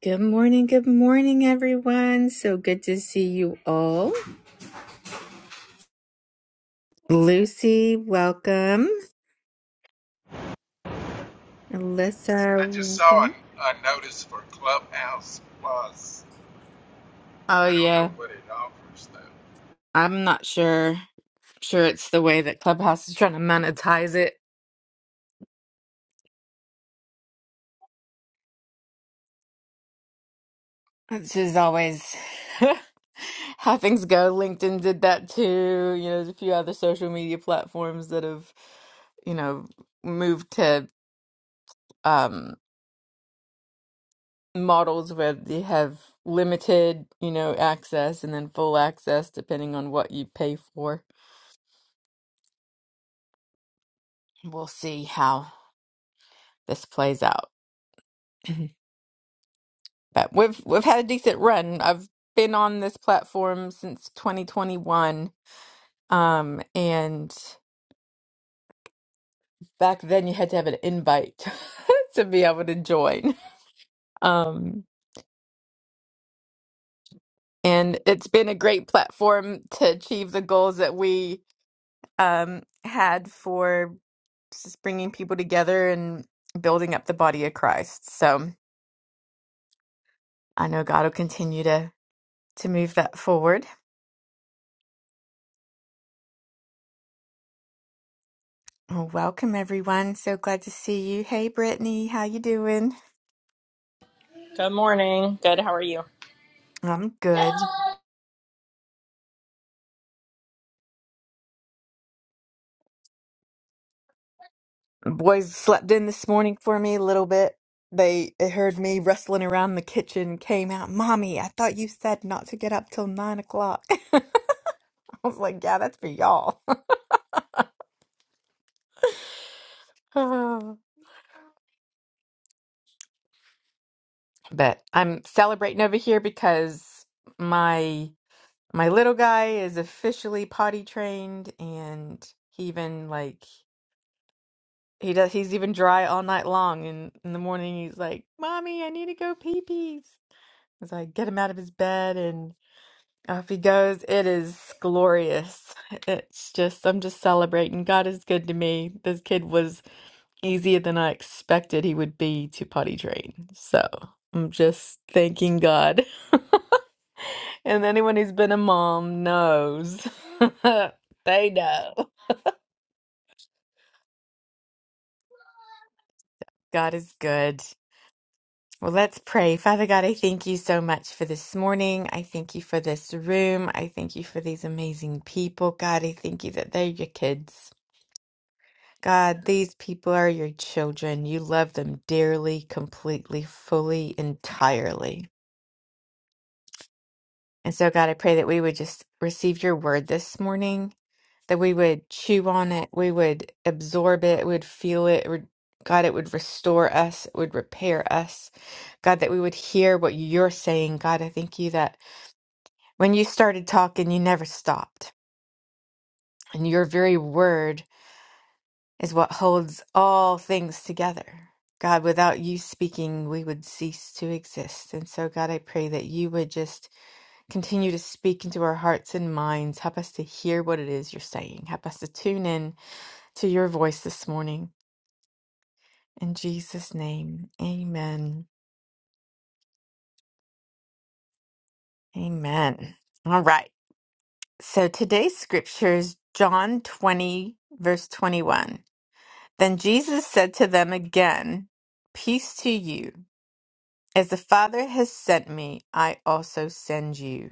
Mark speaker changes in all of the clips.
Speaker 1: Good morning, good morning, everyone. So good to see you all. Lucy, welcome. Alyssa,
Speaker 2: I just saw an,
Speaker 1: welcome.
Speaker 2: a notice for Clubhouse Plus.
Speaker 1: Oh,
Speaker 2: I don't know
Speaker 1: yeah.
Speaker 2: what it offers though.
Speaker 1: I'm not sure. sure it's the way that Clubhouse is trying to monetize it, which is always how things go. LinkedIn did that too. You know, there's a few other social media platforms that have, you know, moved to. um models where they have limited, you know, access and then full access depending on what you pay for. We'll see how this plays out. Mhm. But we've we've had a decent run. I've been on this platform since 2021. Um and back then you had to have an invite to be able to join. Um and it's been a great platform to achieve the goals that we um had for just bringing people together and building up the body of Christ. So I know God will continue to to move that forward. Well, welcome everyone. So glad to see you. Hey, Brittany, how you doing?
Speaker 3: Good morning. Good. How are you?
Speaker 1: I'm good. Boys slept in this morning for me a little bit. They, they heard me rustling around the kitchen, came out, Mommy, I thought you said not to get up till nine o'clock. I was like, Yeah, that's for y'all. but I'm celebrating over here because my my little guy is officially potty trained and he even like he does he's even dry all night long and in the morning he's like mommy i need to go pee pees as i get him out of his bed and off he goes it is glorious it's just i'm just celebrating god is good to me this kid was easier than i expected he would be to potty train so i'm just thanking god And anyone who's been a mom knows. They know. God is good. Well, let's pray. Father God, I thank you so much for this morning. I thank you for this room. I thank you for these amazing people. God, I thank you that they're your kids. God, these people are your children. You love them dearly, completely, fully, entirely. And so, God, I pray that we would just receive your word this morning. that we would chew on it, we would absorb it, we would feel it. re- God, it would restore us, it would repair us. God, that we would hear what you're saying. God, I thank you that when you started talking, you never stopped. And your very word is what holds all things together. God, without you speaking, we would cease to exist. And so, God, I pray that you would just continue to speak into our hearts and minds. Help us to hear what it is you're saying. Help us to tune in to your voice this morning. In Jesus' name, amen. Amen. All right. So today's scripture is John 20, verse 21. Then Jesus said to them again, Peace to you. As the Father has sent me, I also send you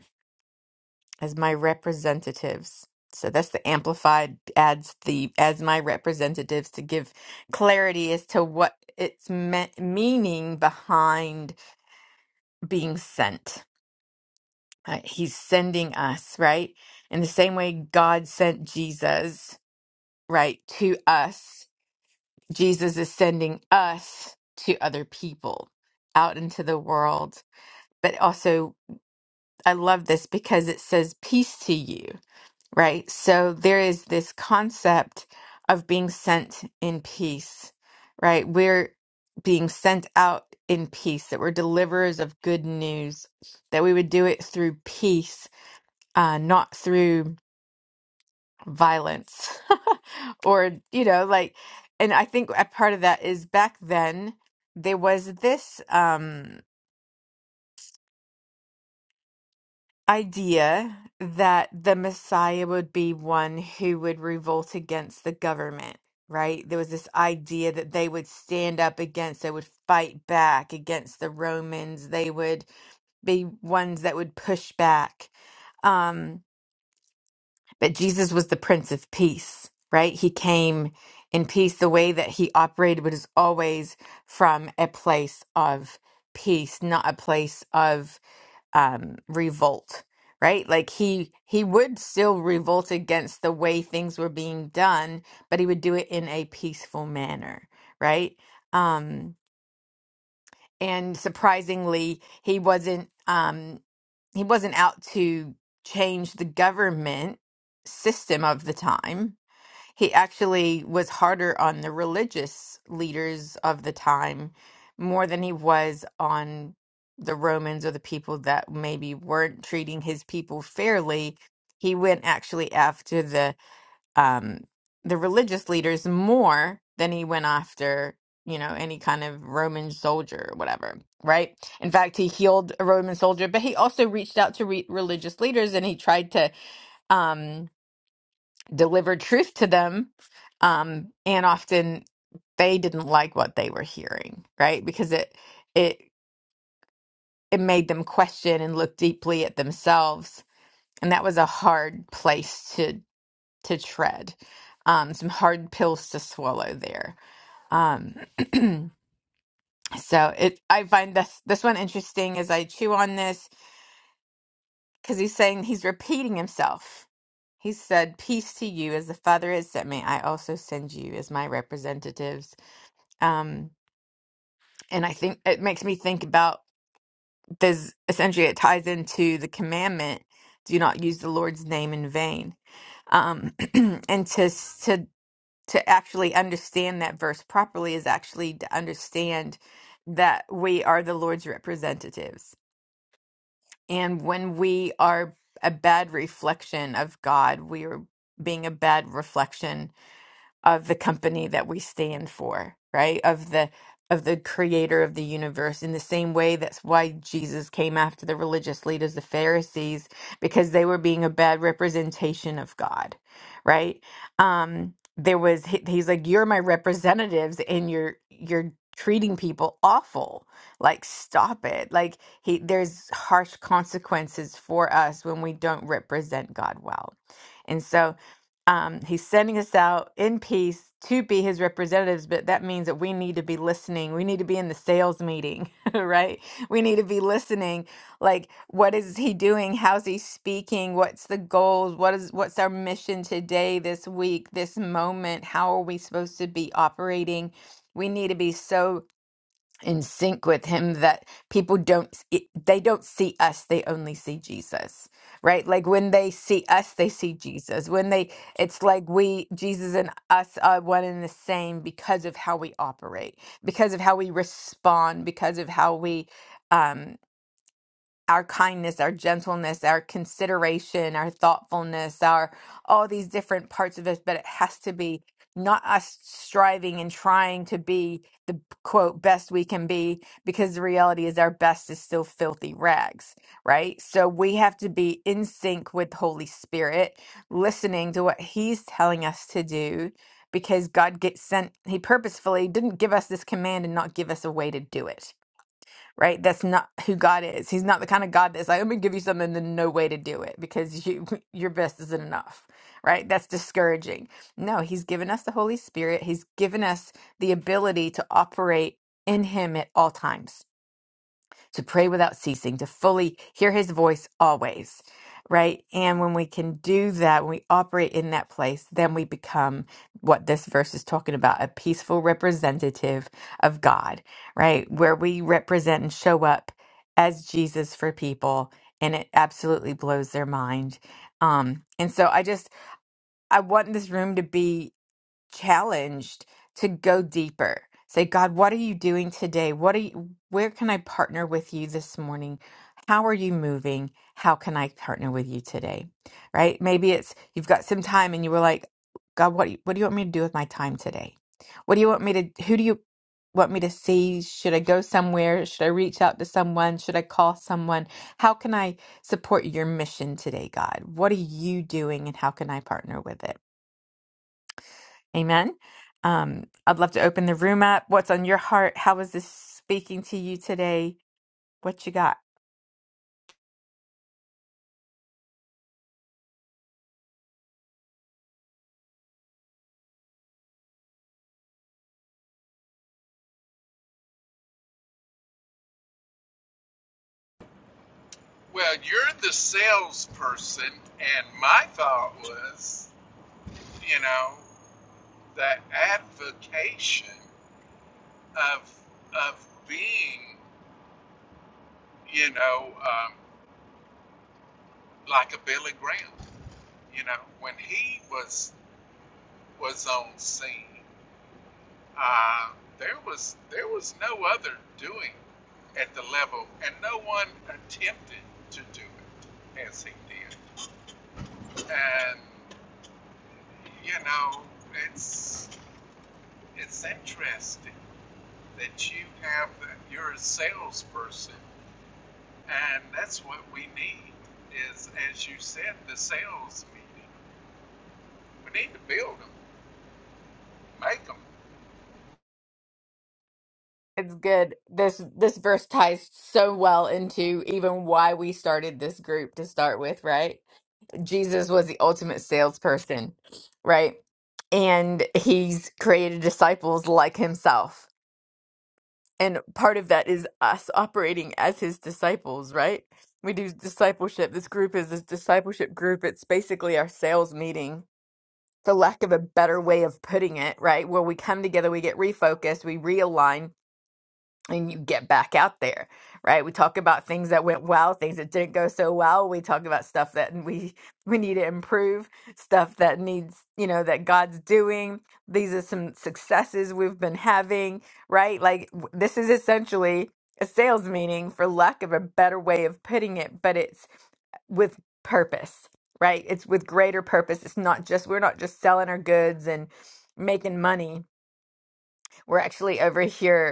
Speaker 1: as my representatives. So that's the amplified adds the as my representatives to give clarity as to what it's me- meaning behind being sent. uh, he's sending us, right? In the same way God sent Jesus, right, to us, Jesus is sending us to other people out into the world. But also, I love this because it says peace to you, right? So there is this concept of being sent in peace, right? We're being sent out in peace, that we're deliverers of good news, that we would do it through peace, uh, not through violence or you know like and i think a part of that is back then there was this um idea that the messiah would be one who would revolt against the government right there was this idea that they would stand up against they would fight back against the romans they would be ones that would push back um But Jesus was the Prince of Peace, right? He came in peace. The way that he operated was always from a place of peace, not a place of um, revolt, right? Like he he would still revolt against the way things were being done, but he would do it in a peaceful manner, right? Um, and surprisingly he wasn't um he wasn't out to change the government system of the time he actually was harder on the religious leaders of the time more than he was on the romans or the people that maybe weren't treating his people fairly he went actually after the um, the religious leaders more than he went after, you know, any kind of Roman soldier or whatever, right? In fact, he healed a Roman soldier, but he also reached out to re- religious leaders and he tried to um, deliver truth to them. Um, and often they didn't like what they were hearing, right? Because it it it made them question and look deeply at themselves. And that was a hard place to. to tread, um, some hard pills to swallow there. Um, so it, I find this this one interesting as I chew on this because he's saying he's repeating himself. He said, "Peace to you, as the Father has sent me, I also send you as my representatives." Um, and I think it makes me think about this. Essentially, it ties into the commandment: "Do not use the Lord's name in vain." Um, and to to to actually understand that verse properly is actually to understand that we are the Lord's representatives. And when we are a bad reflection of God, we are being a bad reflection of the company that we stand for, right? Of the of the creator of the universe in the same way that's why Jesus came after the religious leaders, the Pharisees, because they were being a bad representation of God, right? Um there was he- he's like you're my representatives and you're you're treating people awful. Like stop it. Like he there's harsh consequences for us when we don't represent God well. And so um, he's sending us out in peace to be his representatives, but that means that we need to be listening. We need to be in the sales meeting, right? We need to be listening. Like, what is he doing? How's he speaking? What's the goals? What is what's our mission today, this week, this moment? How are we supposed to be operating? We need to be so in sync with him that people don't it, they don't see us they only see jesus right like when they see us they see jesus when they it's like we jesus and us are one and the same because of how we operate because of how we respond because of how we um our kindness our gentleness our consideration our thoughtfulness our all these different parts of us but it has to be not us striving and trying to be quote best we can be because the reality is our best is still filthy rags right so we have to be in sync with the holy spirit listening to what he's telling us to do because god gets sent he purposefully didn't give us this command and not give us a way to do it right? That's not who God is. He's not the kind of God that's like, I'm gonna give you something and then no way to do it because you your best isn't enough, right? That's discouraging. No, He's given us the Holy Spirit. He's given us the ability to operate in Him at all times to pray without ceasing, to fully hear his voice always, right? And when we can do that, when we operate in that place, then we become what this verse is talking about a peaceful representative of God, right? Where we represent and show up as Jesus for people. And it absolutely blows their mind. Um, and so I just, I want this room to be challenged to go deeper. Say, God, what are you doing today? What are you, where can I partner with you this morning? How are you moving? How can I partner with you today? Right? Maybe it's you've got some time and you were like, God, what do you, what do you want me to do with my time today? What do you want me to who do you want me to see? Should I go somewhere? Should I reach out to someone? Should I call someone? How can I support your mission today, God? What are you doing and how can I partner with it? Amen. Um, I'd love to open the room up. What's on your heart? How is this speaking to you today? What you got?
Speaker 2: Well, you're the salesperson, and my thought was, you know, the advocation of of being, you know, um, like a Billy Graham. You know, when he was was on scene, Uh, there was there was no other doing at the level, and no one attempted to do it as he did. And you know, it's it's interesting that you have that you're a salesperson, and that's what we need. Is as you said, the sales meeting. We need to build them, make them.
Speaker 1: It's good. This this verse ties so well into even why we started this group to start with, right? Jesus was the ultimate salesperson, right? And he's created disciples like himself. And part of that is us operating as his disciples, right? We do discipleship. This group is this discipleship group. It's basically our sales meeting for lack of a better way of putting it, right? Where we come together, we get refocused, we realign, and you get back out there, right? We talk about things that went well, things that didn't go so well. We talk about stuff that we we need to improve, stuff that needs, you know, that God's doing. These are some successes we've been having, right? Like w- this is essentially a sales meeting for lack of a better way of putting it, but it's uh, with purpose, right? It's with greater purpose. It's not just we're not just selling our goods and making money. We're actually over here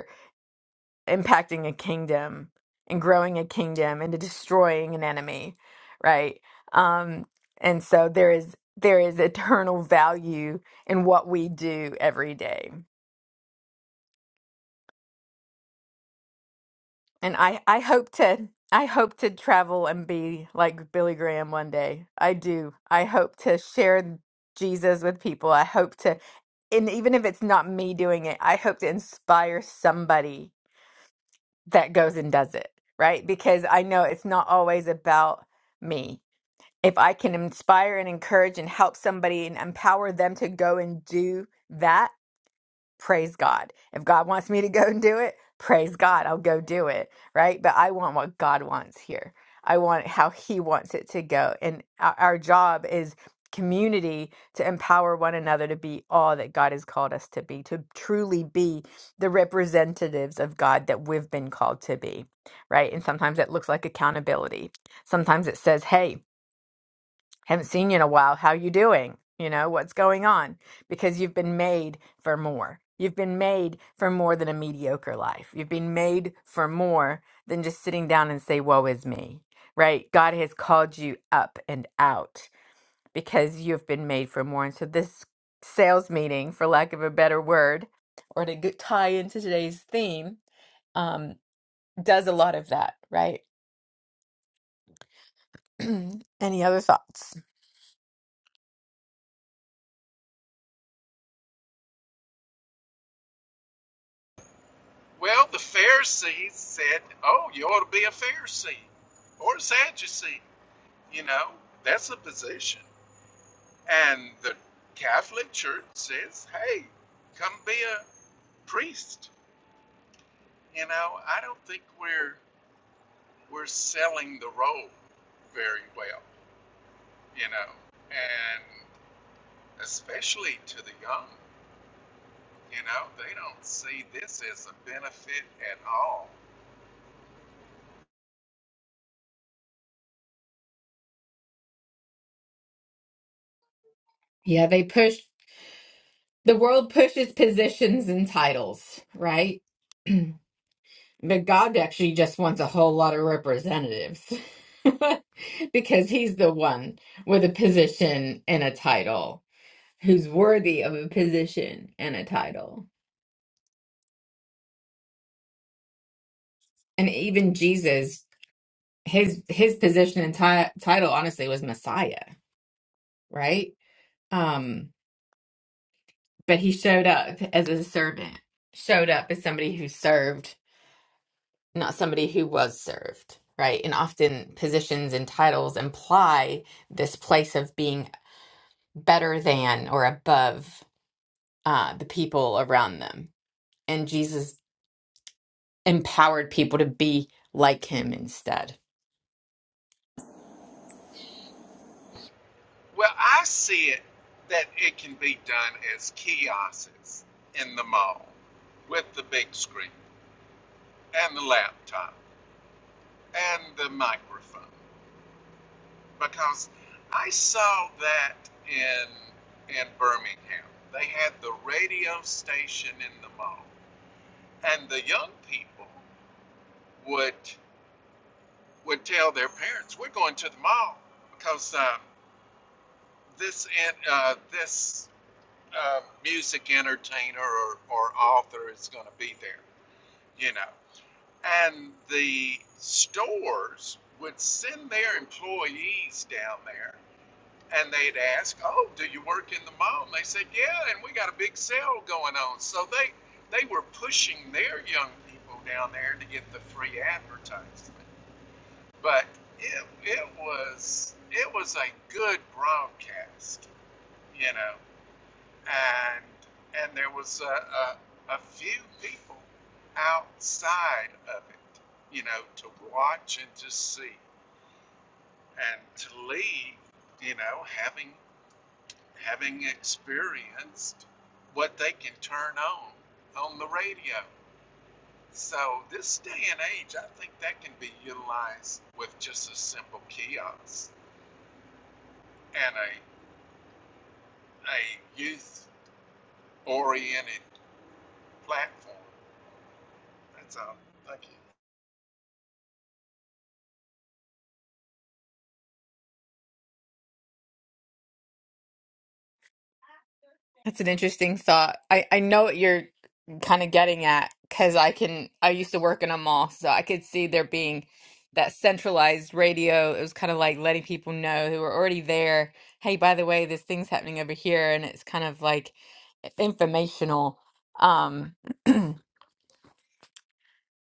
Speaker 1: impacting a kingdom and growing a kingdom and to destroying an enemy right um and so there is there is eternal value in what we do every day and i i hope to i hope to travel and be like billy graham one day i do i hope to share jesus with people i hope to and even if it's not me doing it i hope to inspire somebody that goes and does it, right? Because I know it's not always about me. If I can inspire and encourage and help somebody and empower them to go and do that, praise God. If God wants me to go and do it, praise God, I'll go do it, right? But I want what God wants here. I want how He wants it to go. And our, our job is community to empower one another to be all that God has called us to be, to truly be the representatives of God that we've been called to be, right? And sometimes it looks like accountability. Sometimes it says, hey, haven't seen you in a while how you doing you know what's going on because you've been made for more you've been made for more than a mediocre life you've been made for more than just sitting down and say woe is me right god has called you up and out because you've been made for more and so this sales meeting for lack of a better word or to g- tie into today's theme um, does a lot of that, right? Any other thoughts?
Speaker 2: Well, the Pharisees said, "Oh, you ought to be a Pharisee or a Sadducee." You know, that's a position. And the Catholic Church says, hey, come be a priest. You know, I don't think we're we're selling the role very well, you know. And especially to the young, you know, they don't see this as a benefit at all.
Speaker 1: Yeah, they push the world pushes positions and titles, right? But God actually just wants a whole lot of representatives because he's the one with a position and a title who's worthy of a position and a title. and even Jesus, his his position and ti- title honestly was Messiah, right? Um, but he showed up as a servant, showed up as somebody who served, not somebody who was served, right? And often positions and titles imply this place of being better than or above uh, the people around them. And Jesus empowered people to be like him instead.
Speaker 2: Well, I see it that it can be done as kiosks in the mall with the big screen and the laptop. and the microphone because I saw that in in Birmingham. They had the radio station in the mall, and the young people would would tell their parents, "We're going to the mall because um, this uh, this uh, music entertainer or, or author is going to be there," you know. And the stores would send their employees down there and they'd ask, "Oh, do you work in the mall?" And they said, "Yeah, and we got a big sale going on." So they they were pushing their young people down there to get the free advertisement. But it it was it was a good broadcast, you know, and and there was a, a, a few people outside of it, you know, to watch and to see and to leave, you know, having having experienced what they can turn on on the radio. So this day and age, I think that can be utilized with just a simple kiosk and a a youth oriented platform. That's all. Thank you.
Speaker 1: That's an interesting thought. I, I know what you're kind of getting at because I can, I used to work in a mall, so I could see there being that centralized radio. It was kind of like letting people know who were already there, hey, by the way, this thing's happening over here. And it's kind of like informational. Um, so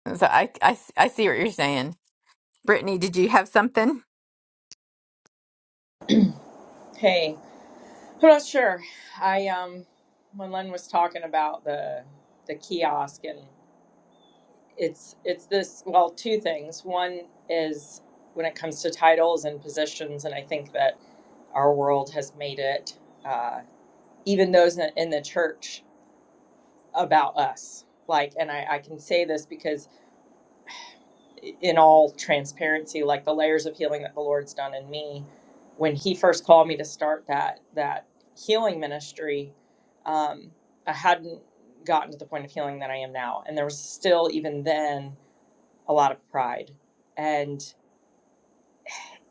Speaker 1: I, I, s- I see what you're saying. Brittany, did you have something?
Speaker 3: Hey, I'm not sure. I um, when Len was talking about the the kiosk and it's it's this well two things. One is when it comes to titles and positions, and I think that our world has made it uh, even those in, in the church about us. Like, and I, I can say this because in all transparency, like the layers of healing that the Lord's done in me, when He first called me to start that that healing ministry, um, I hadn't gotten to the point of healing that I am now, and there was still even then a lot of pride, and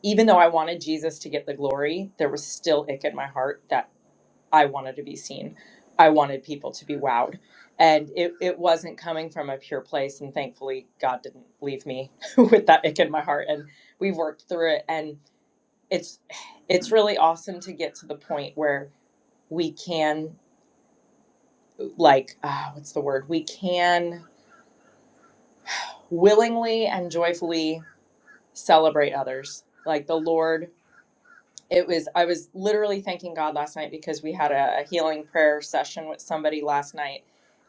Speaker 3: even though I wanted Jesus to get the glory, there was still ick in my heart that. I wanted to be seen. I wanted people to be wowed. And it, it wasn't coming from a pure place. And thankfully, God didn't leave me with that ick in my heart. And we've worked through it. And it's it's really awesome to get to the point where we can like ah, what's the word? We can willingly and joyfully celebrate others. Like the Lord it was i was literally thanking god last night because we had a, a healing prayer session with somebody last night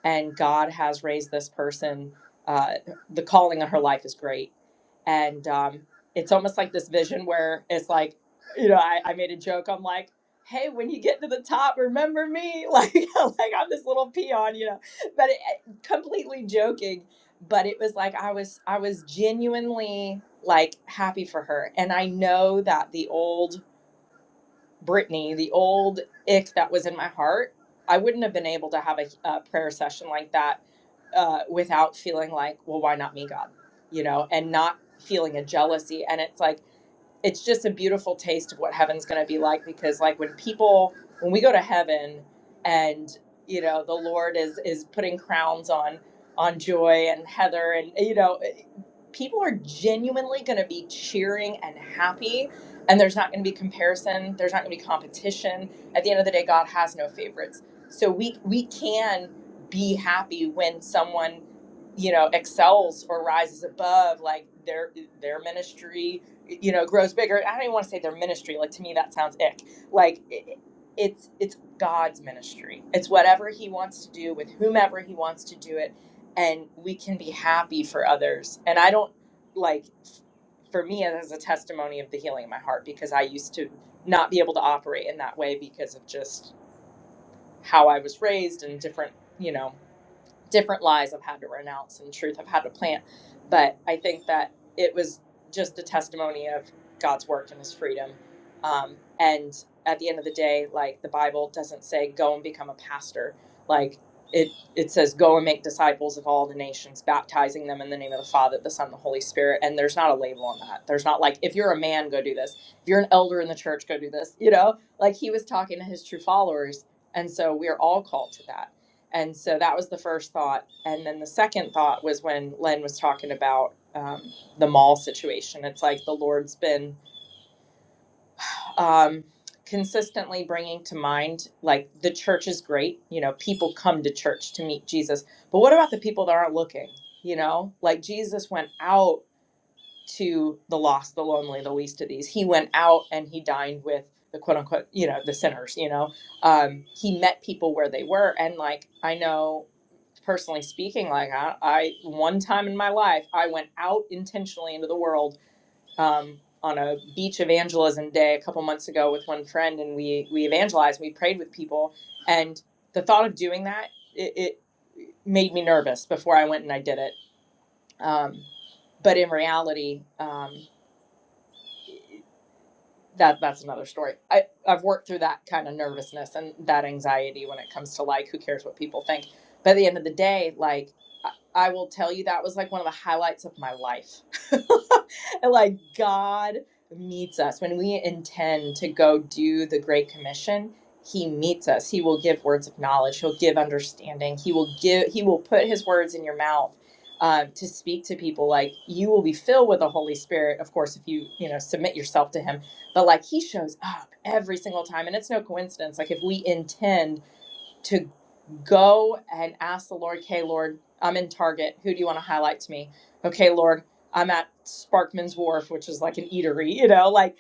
Speaker 3: and god has raised this person uh, the calling on her life is great and um, it's almost like this vision where it's like you know I, I made a joke i'm like hey when you get to the top remember me like like i'm this little peon you know but it, completely joking but it was like i was i was genuinely like happy for her and i know that the old Brittany, the old ick that was in my heart, I wouldn't have been able to have a, a prayer session like that uh, without feeling like, well, why not me, God? You know, and not feeling a jealousy. And it's like, it's just a beautiful taste of what heaven's going to be like because, like, when people, when we go to heaven and, you know, the Lord is, is putting crowns on, on joy and Heather and, you know, people are genuinely going to be cheering and happy and there's not going to be comparison there's not going to be competition at the end of the day god has no favorites so we we can be happy when someone you know excels or rises above like their their ministry you know grows bigger i don't even want to say their ministry like to me that sounds ick like it, it's it's god's ministry it's whatever he wants to do with whomever he wants to do it and we can be happy for others. And I don't like for me it is a testimony of the healing in my heart because I used to not be able to operate in that way because of just how I was raised and different, you know, different lies I've had to renounce and truth I've had to plant. But I think that it was just a testimony of God's work and his freedom. Um, and at the end of the day, like the Bible doesn't say go and become a pastor. Like it, it says go and make disciples of all the nations, baptizing them in the name of the Father, the Son, and the Holy Spirit. And there's not a label on that. There's not like, if you're a man, go do this. If you're an elder in the church, go do this. You know, like he was talking to his true followers. And so we are all called to that and so that was the first thought. And then the second thought was when Len was talking about um, the mall situation. It's like the Lord's been um, consistently bringing to mind, like, the church is great. You know, people come to church to meet Jesus. But what about the people that aren't looking? You know, like Jesus went out to the lost, the lonely, the least of these. He went out and he dined with the quote unquote, you know, the sinners, you know. Um, he met people where they were. And like, I know personally speaking, like I, I one time in my life, I went out intentionally into the world um, on a beach evangelism day a couple months ago with one friend, and we we evangelized, we prayed with people, and the thought of doing that it, it made me nervous before I went and I did it. Um, but in reality, um, that that's another story. I I've worked through that kind of nervousness and that anxiety when it comes to like who cares what people think. But at the end of the day, like I, I will tell you that was like one of the highlights of my life. And, like God meets us when we intend to go do the great commission. He meets us. He will give words of knowledge. He'll give understanding. He will give. He will put His words in your mouth uh, to speak to people. Like you will be filled with the Holy Spirit, of course, if you you know submit yourself to Him but like he shows up every single time and it's no coincidence like if we intend to go and ask the lord okay lord i'm in target who do you want to highlight to me okay lord i'm at sparkman's wharf which is like an eatery you know like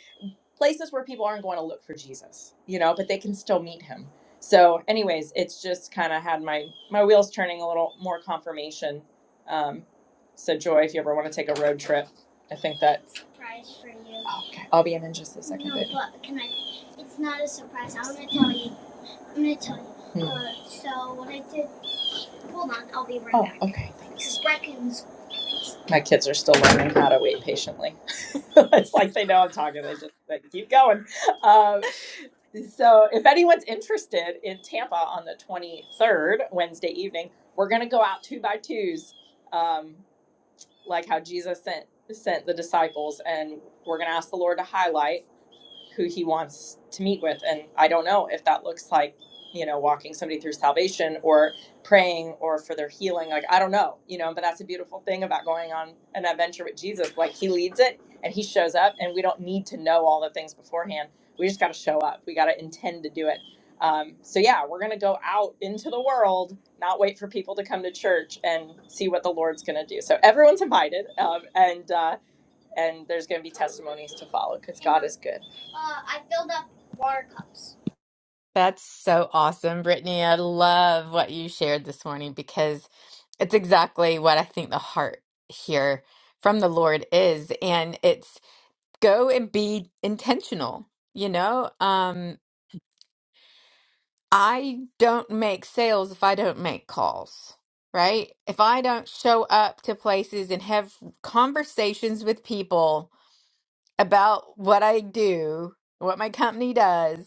Speaker 3: places where people aren't going to look for Jesus, you know, but they can still meet him. So, anyways, it's just kind of had my my wheels turning a little more confirmation. Um, so, Joy, if you ever want to take a road trip, I think that surprise for you. Okay, I'll be in in just a second. No, baby. but can I? It's not a surprise. I'm gonna tell you. I'm gonna tell you. Hmm. Uh, so what I did. Hold on, I'll be right oh, back. okay, thanks. 'Cause Brecken's- My kids are still learning how to wait patiently. it's like they know I'm talking. They just they keep going. Um, so if anyone's interested in Tampa on the 23rd, Wednesday evening, we're going to go out two by twos, um, like how Jesus sent sent the disciples, and we're going to ask the Lord to highlight who he wants to meet with. And I don't know if that looks like, you know, walking somebody through salvation or praying or for their healing. Like, I don't know, you know, but that's a beautiful thing about going on an adventure with Jesus. Like, he leads it and he shows up, and we don't need to know all the things beforehand. We just got to show up, we got to intend to do it. Um, so, yeah, we're going to go out into the world, not wait for people to come to church and see what the Lord's going to do. So, everyone's invited. Um, and, uh, and there's going to be testimonies to follow because God is good. Uh, I filled up water cups.
Speaker 1: That's so awesome, Brittany. I love what you shared this morning because it's exactly what I think the heart here from the Lord is. And it's go and be intentional. You know, um, I don't make sales if I don't make calls, right? If I don't show up to places and have conversations with people about what I do, what my company does,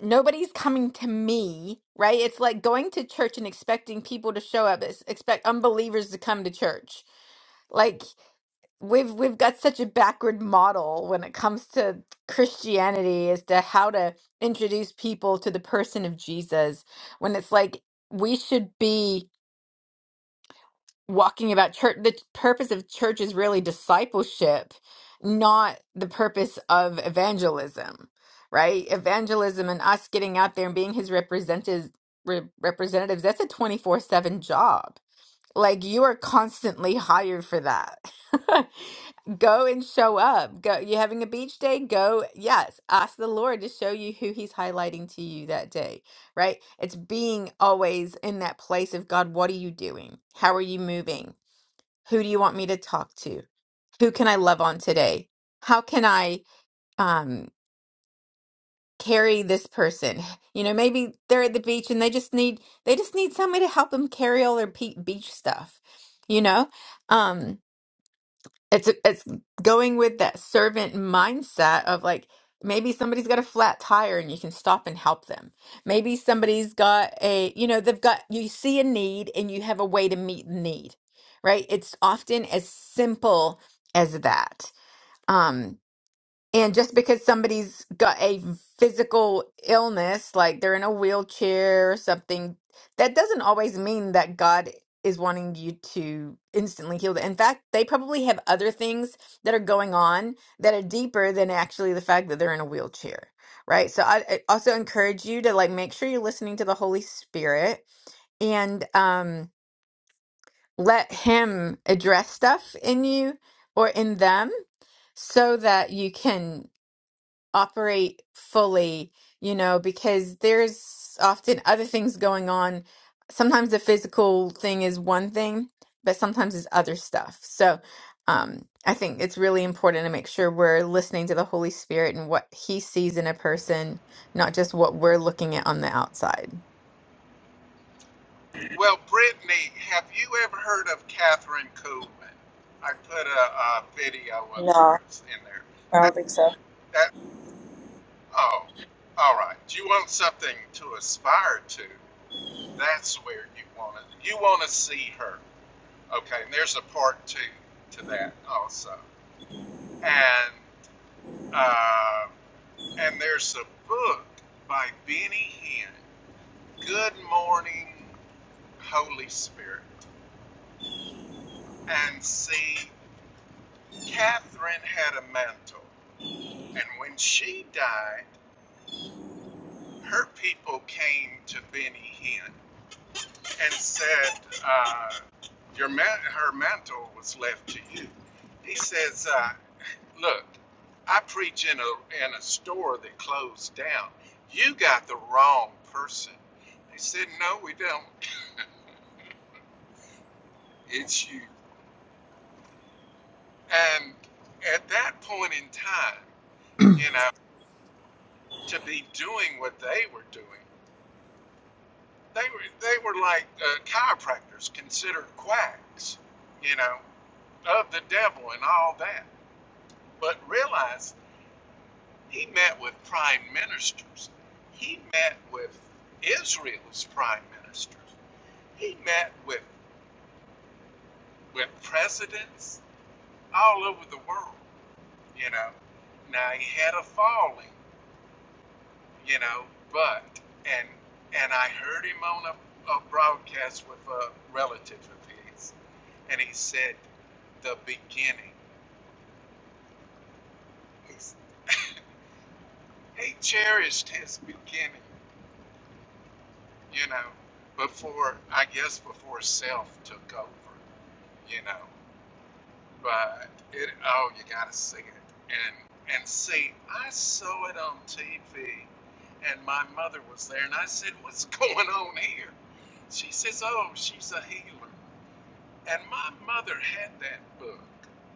Speaker 1: nobody's coming to me, right? It's like going to church and expecting people to show up, it's expect unbelievers to come to church. Like we've we've got such a backward model when it comes to Christianity as to how to introduce people to the person of Jesus when it's like we should be walking about church the purpose of church is really discipleship not the purpose of evangelism right evangelism and us getting out there and being his representatives re- representatives that's a 24/7 job like you are constantly hired for that. Go and show up. Go. You having a beach day? Go. Yes. Ask the Lord to show you who He's highlighting to you that day, right? It's being always in that place of God, what are you doing? How are you moving? Who do you want me to talk to? Who can I love on today? How can I um carry this person? You know, maybe they're at the beach and they just need they just need somebody to help them carry all their pe- beach stuff, you know? Um It's it's going with that servant mindset of like maybe somebody's got a flat tire and you can stop and help them. Maybe somebody's got a, you know, they've got you see a need and you have a way to meet the need, right? It's often as simple as that. Um, and just because somebody's got a physical illness, like they're in a wheelchair or something, that doesn't always mean that God is wanting you to instantly heal them. In fact, they probably have other things that are going on that are deeper than actually the fact that they're in a wheelchair, right? So I, I also encourage you to like make sure you're listening to the Holy Spirit and um, let him address stuff in you or in them so that you can operate fully, you know, because there's often other things going on. Sometimes the physical thing is one thing, but sometimes it's other stuff. So um, I think it's really important to make sure we're listening to the Holy Spirit and what He sees in a person, not just what we're looking at on the outside.
Speaker 2: Well, Brittany, have you ever heard of Catherine Kuhlman? I put a, a video of
Speaker 3: No,
Speaker 2: hers in there.
Speaker 3: I don't think so.
Speaker 2: That oh, all right. Do you want something to aspire to? That's where you want to you want to see her. Okay, and there's a part two to that also, and uh, and there's a book by Benny Hinn, Good Morning Holy Spirit, and see Catherine had a mantle, and when she died, her people came to Benny Hinn and said, uh, "Your man- her mantle was left to you." He says. Uh, Look, I preach in a in a store that closed down. You got the wrong person. They said, No, we don't. It's you. And at that point in time, you know, to be doing what they were doing, they were they were like uh, chiropractors considered quacks, you know, of the devil and all that. But realize he met with prime ministers. He met with Israel's prime ministers. he met with with presidents all over the world, you know. Now he had a falling, you know, but and and I heard him on a, a broadcast with a relative of his, and he said the beginning. He's, he cherished his beginning, you know, before I guess before self took over, you know. but it oh you gotta sing it and and see i saw it on tv and my mother was there and i said what's going on here she says oh she's a healer and my mother had that book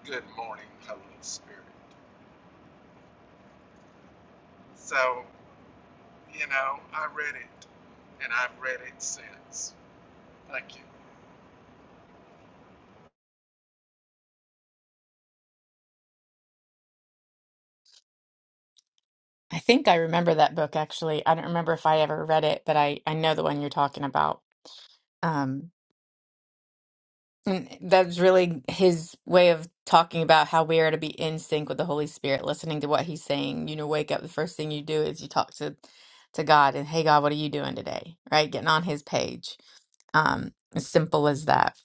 Speaker 2: good morning holy spirit so you know i read it and i've read it since thank you
Speaker 1: I think I remember that book actually. I don't remember if I ever read it, but I, I know the one you're talking about. Um. And that's really his way of talking about how we are to be in sync with the Holy Spirit, listening to what he's saying. You know, wake up, the first thing you do is you talk to to God and, hey, God, what are you doing today? Right? Getting on his page. Um, as simple as that.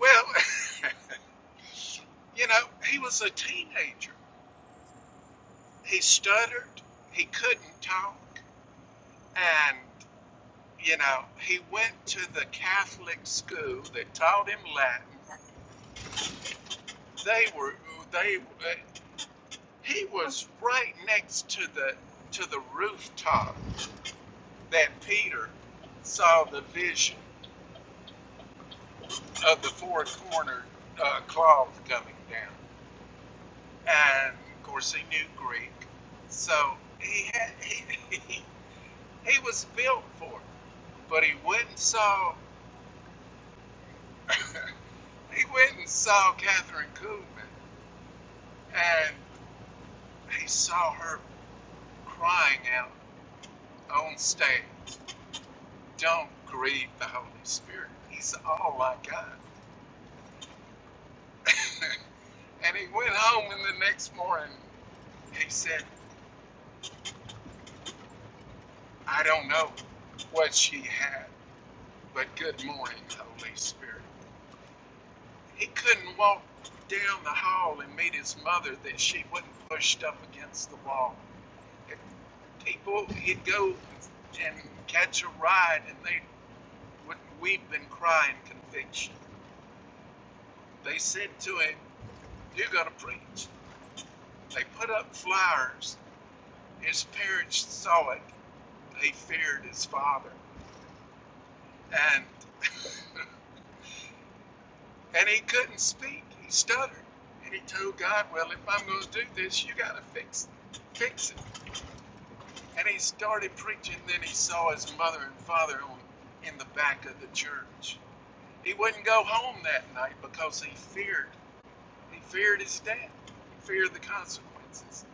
Speaker 2: well you know he was a teenager he stuttered he couldn't talk and you know, he went to the Catholic school that taught him Latin. They were they uh, he was right next to the to the rooftop that Peter saw the vision of the four cornered uh, cloth coming down, and of course he knew Greek, so he had he he, he was built for it but he went and saw he went and saw Catherine Kuhlman, and. He saw her crying out on stage, Don't grieve the Holy Spirit. He's all I got. and he went home, and the next morning he said, I don't know what she had, but good morning, Holy Spirit. He couldn't walk down the hall and meet his mother that she wasn't pushed up against the wall. If people, he'd go and catch a ride, and they would weep and cry in conviction. They said to him, You're going to preach. They put up flyers. His parents saw it. They feared his father. And, and he couldn't speak. He stuttered. And he told God, Well, if I'm going to do this, you got to fix, it. fix it. And he started preaching. Then he saw his mother and father on, in the back of the church. He wouldn't go home that night because he feared He feared his death. He feared the consequences.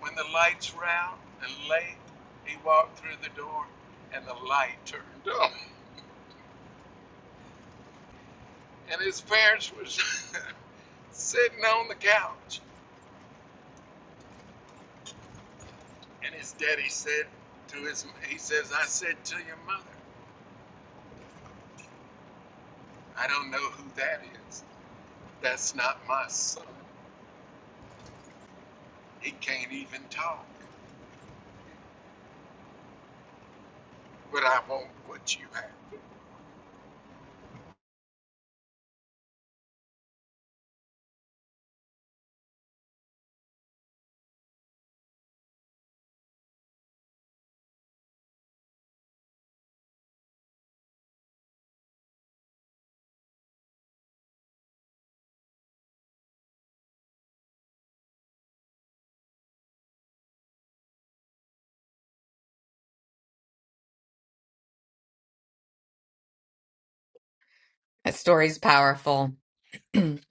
Speaker 2: When the lights were out and late, he walked through the door and the light turned on. And his parents was sitting on the couch. And his daddy said to his, he says, I said to your mother, I don't know who that is. That's not my son. He can't even talk, but I want what you have.
Speaker 1: That story's powerful.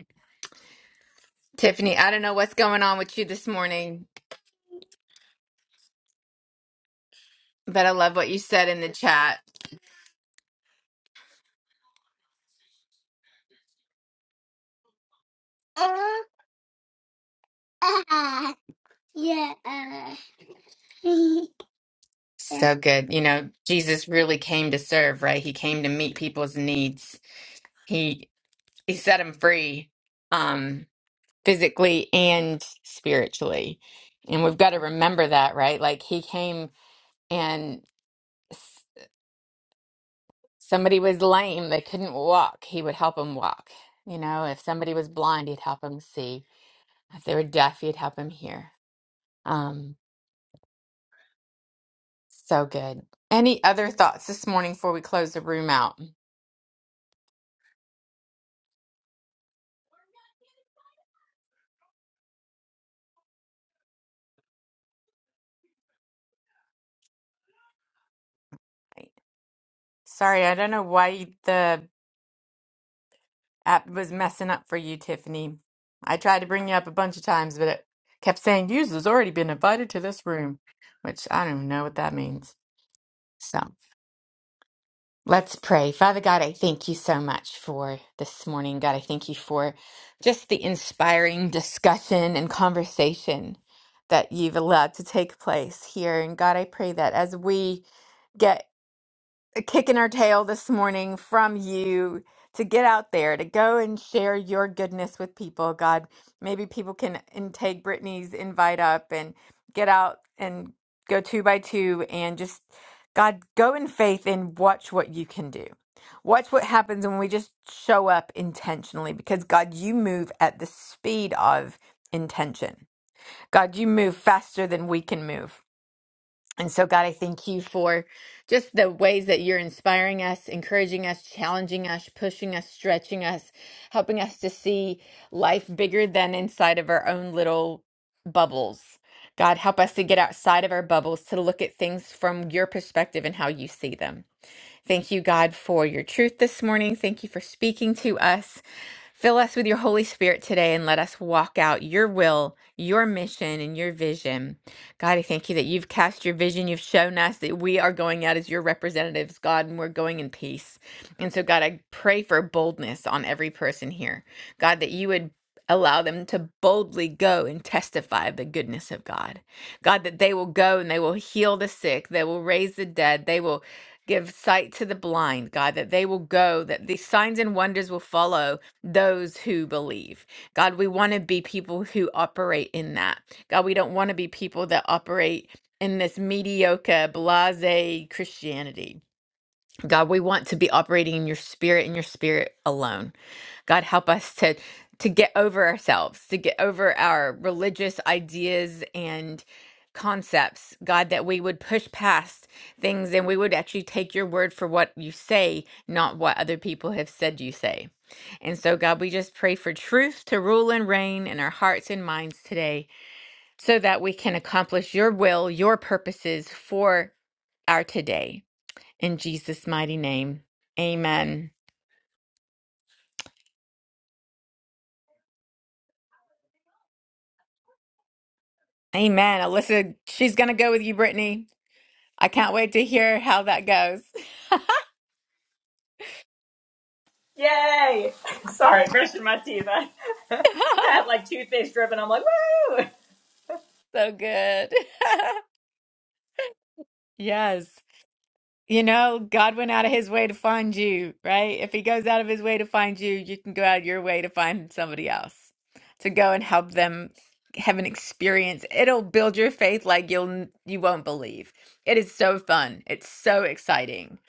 Speaker 1: Tiffany, I don't know what's going on with you this morning, but I love what you said in the chat. yeah. So good. You know, Jesus really came to serve, right? He came to meet people's needs. He he set them free um physically and spiritually. And we've got to remember that, right? Like he came and s- somebody was lame, they couldn't walk. He would help them walk. You know, if somebody was blind, he'd help them see. If they were deaf, he'd help them hear. Um so good. Any other thoughts this morning before we close the room out? Sorry, I don't know why the app was messing up for you, Tiffany. I tried to bring you up a bunch of times, but it kept saying user's already been invited to this room, which I don't even know what that means. So let's pray. Father God, I thank you so much for this morning. God, I thank you for just the inspiring discussion and conversation that you've allowed to take place here. And God, I pray that as we get kicking our tail this morning from you to get out there to go and share your goodness with people. God, maybe people can and take Brittany's invite up and get out and go two by two and just God go in faith and watch what you can do. Watch what happens when we just show up intentionally because God, you move at the speed of intention. God, you move faster than we can move. And so, God, I thank you for just the ways that you're inspiring us, encouraging us, challenging us, pushing us, stretching us, helping us to see life bigger than inside of our own little bubbles. God, help us to get outside of our bubbles to look at things from your perspective and how you see them. Thank you, God, for your truth this morning. Thank you for speaking to us. Fill us with your Holy Spirit today and let us walk out your will, your mission, and your vision. God, I thank you that you've cast your vision. You've shown us that we are going out as your representatives, God, and we're going in peace. And so, God, I pray for boldness on every person here. God, that you would allow them to boldly go and testify of the goodness of God. God, that they will go and they will heal the sick, they will raise the dead, they will Give sight to the blind, God, that they will go, that these signs and wonders will follow those who believe. God, we want to be people who operate in that. God, we don't want to be people that operate in this mediocre, blase Christianity. God, we want to be operating in your spirit and your spirit alone. God help us to to get over ourselves, to get over our religious ideas and concepts. God, that we would push past things and we would actually take your word for what you say, not what other people have said you say. And so, God, we just pray for truth to rule and reign in our hearts and minds today so that we can accomplish your will, your purposes for our today. In Jesus' mighty name, amen. Amen. Alyssa, she's going to go with you, Brittany. I can't wait to hear how that goes.
Speaker 3: Hey, sorry, brushing my teeth. I face dripping. I'm like,
Speaker 1: So good. Yes. You know, God went out of his way to find you, right? If he goes out of his way to find you, you can go out of your way to find somebody else to go and help them have an experience. It'll build your faith like you'll n- you won't believe. It is so fun. It's so exciting.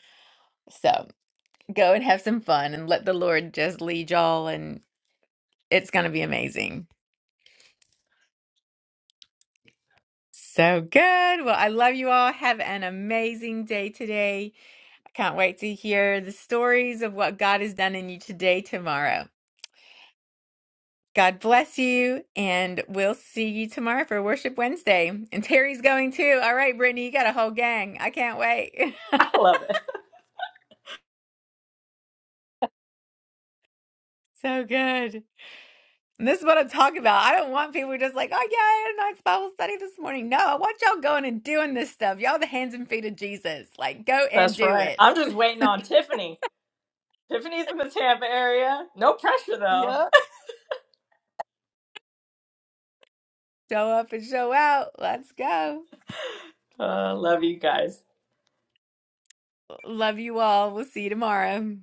Speaker 1: So, go and have some fun and let the Lord just lead y'all and it's going to be amazing. So good. Well, I love you all. Have an amazing day today. I can't wait to hear the stories of what God has done in you today, tomorrow. God bless you, and we'll see you tomorrow for Worship Wednesday. And Terry's going too. All right, Brittany, you got a whole gang. I can't wait.
Speaker 3: I love it.
Speaker 1: so good. And this is what I'm talking about. I don't want people just like, oh, yeah, I had a nice Bible study this morning. No, I want y'all going and doing this stuff. Y'all, the hands and feet of Jesus. Like, go and
Speaker 3: That's
Speaker 1: do
Speaker 3: right.
Speaker 1: it.
Speaker 3: I'm just waiting on Tiffany. Tiffany's in the Tampa area. No pressure though.
Speaker 1: Yep. Show up and show out. Let's go.
Speaker 3: Uh, love you guys.
Speaker 1: Love you all. We'll see you tomorrow.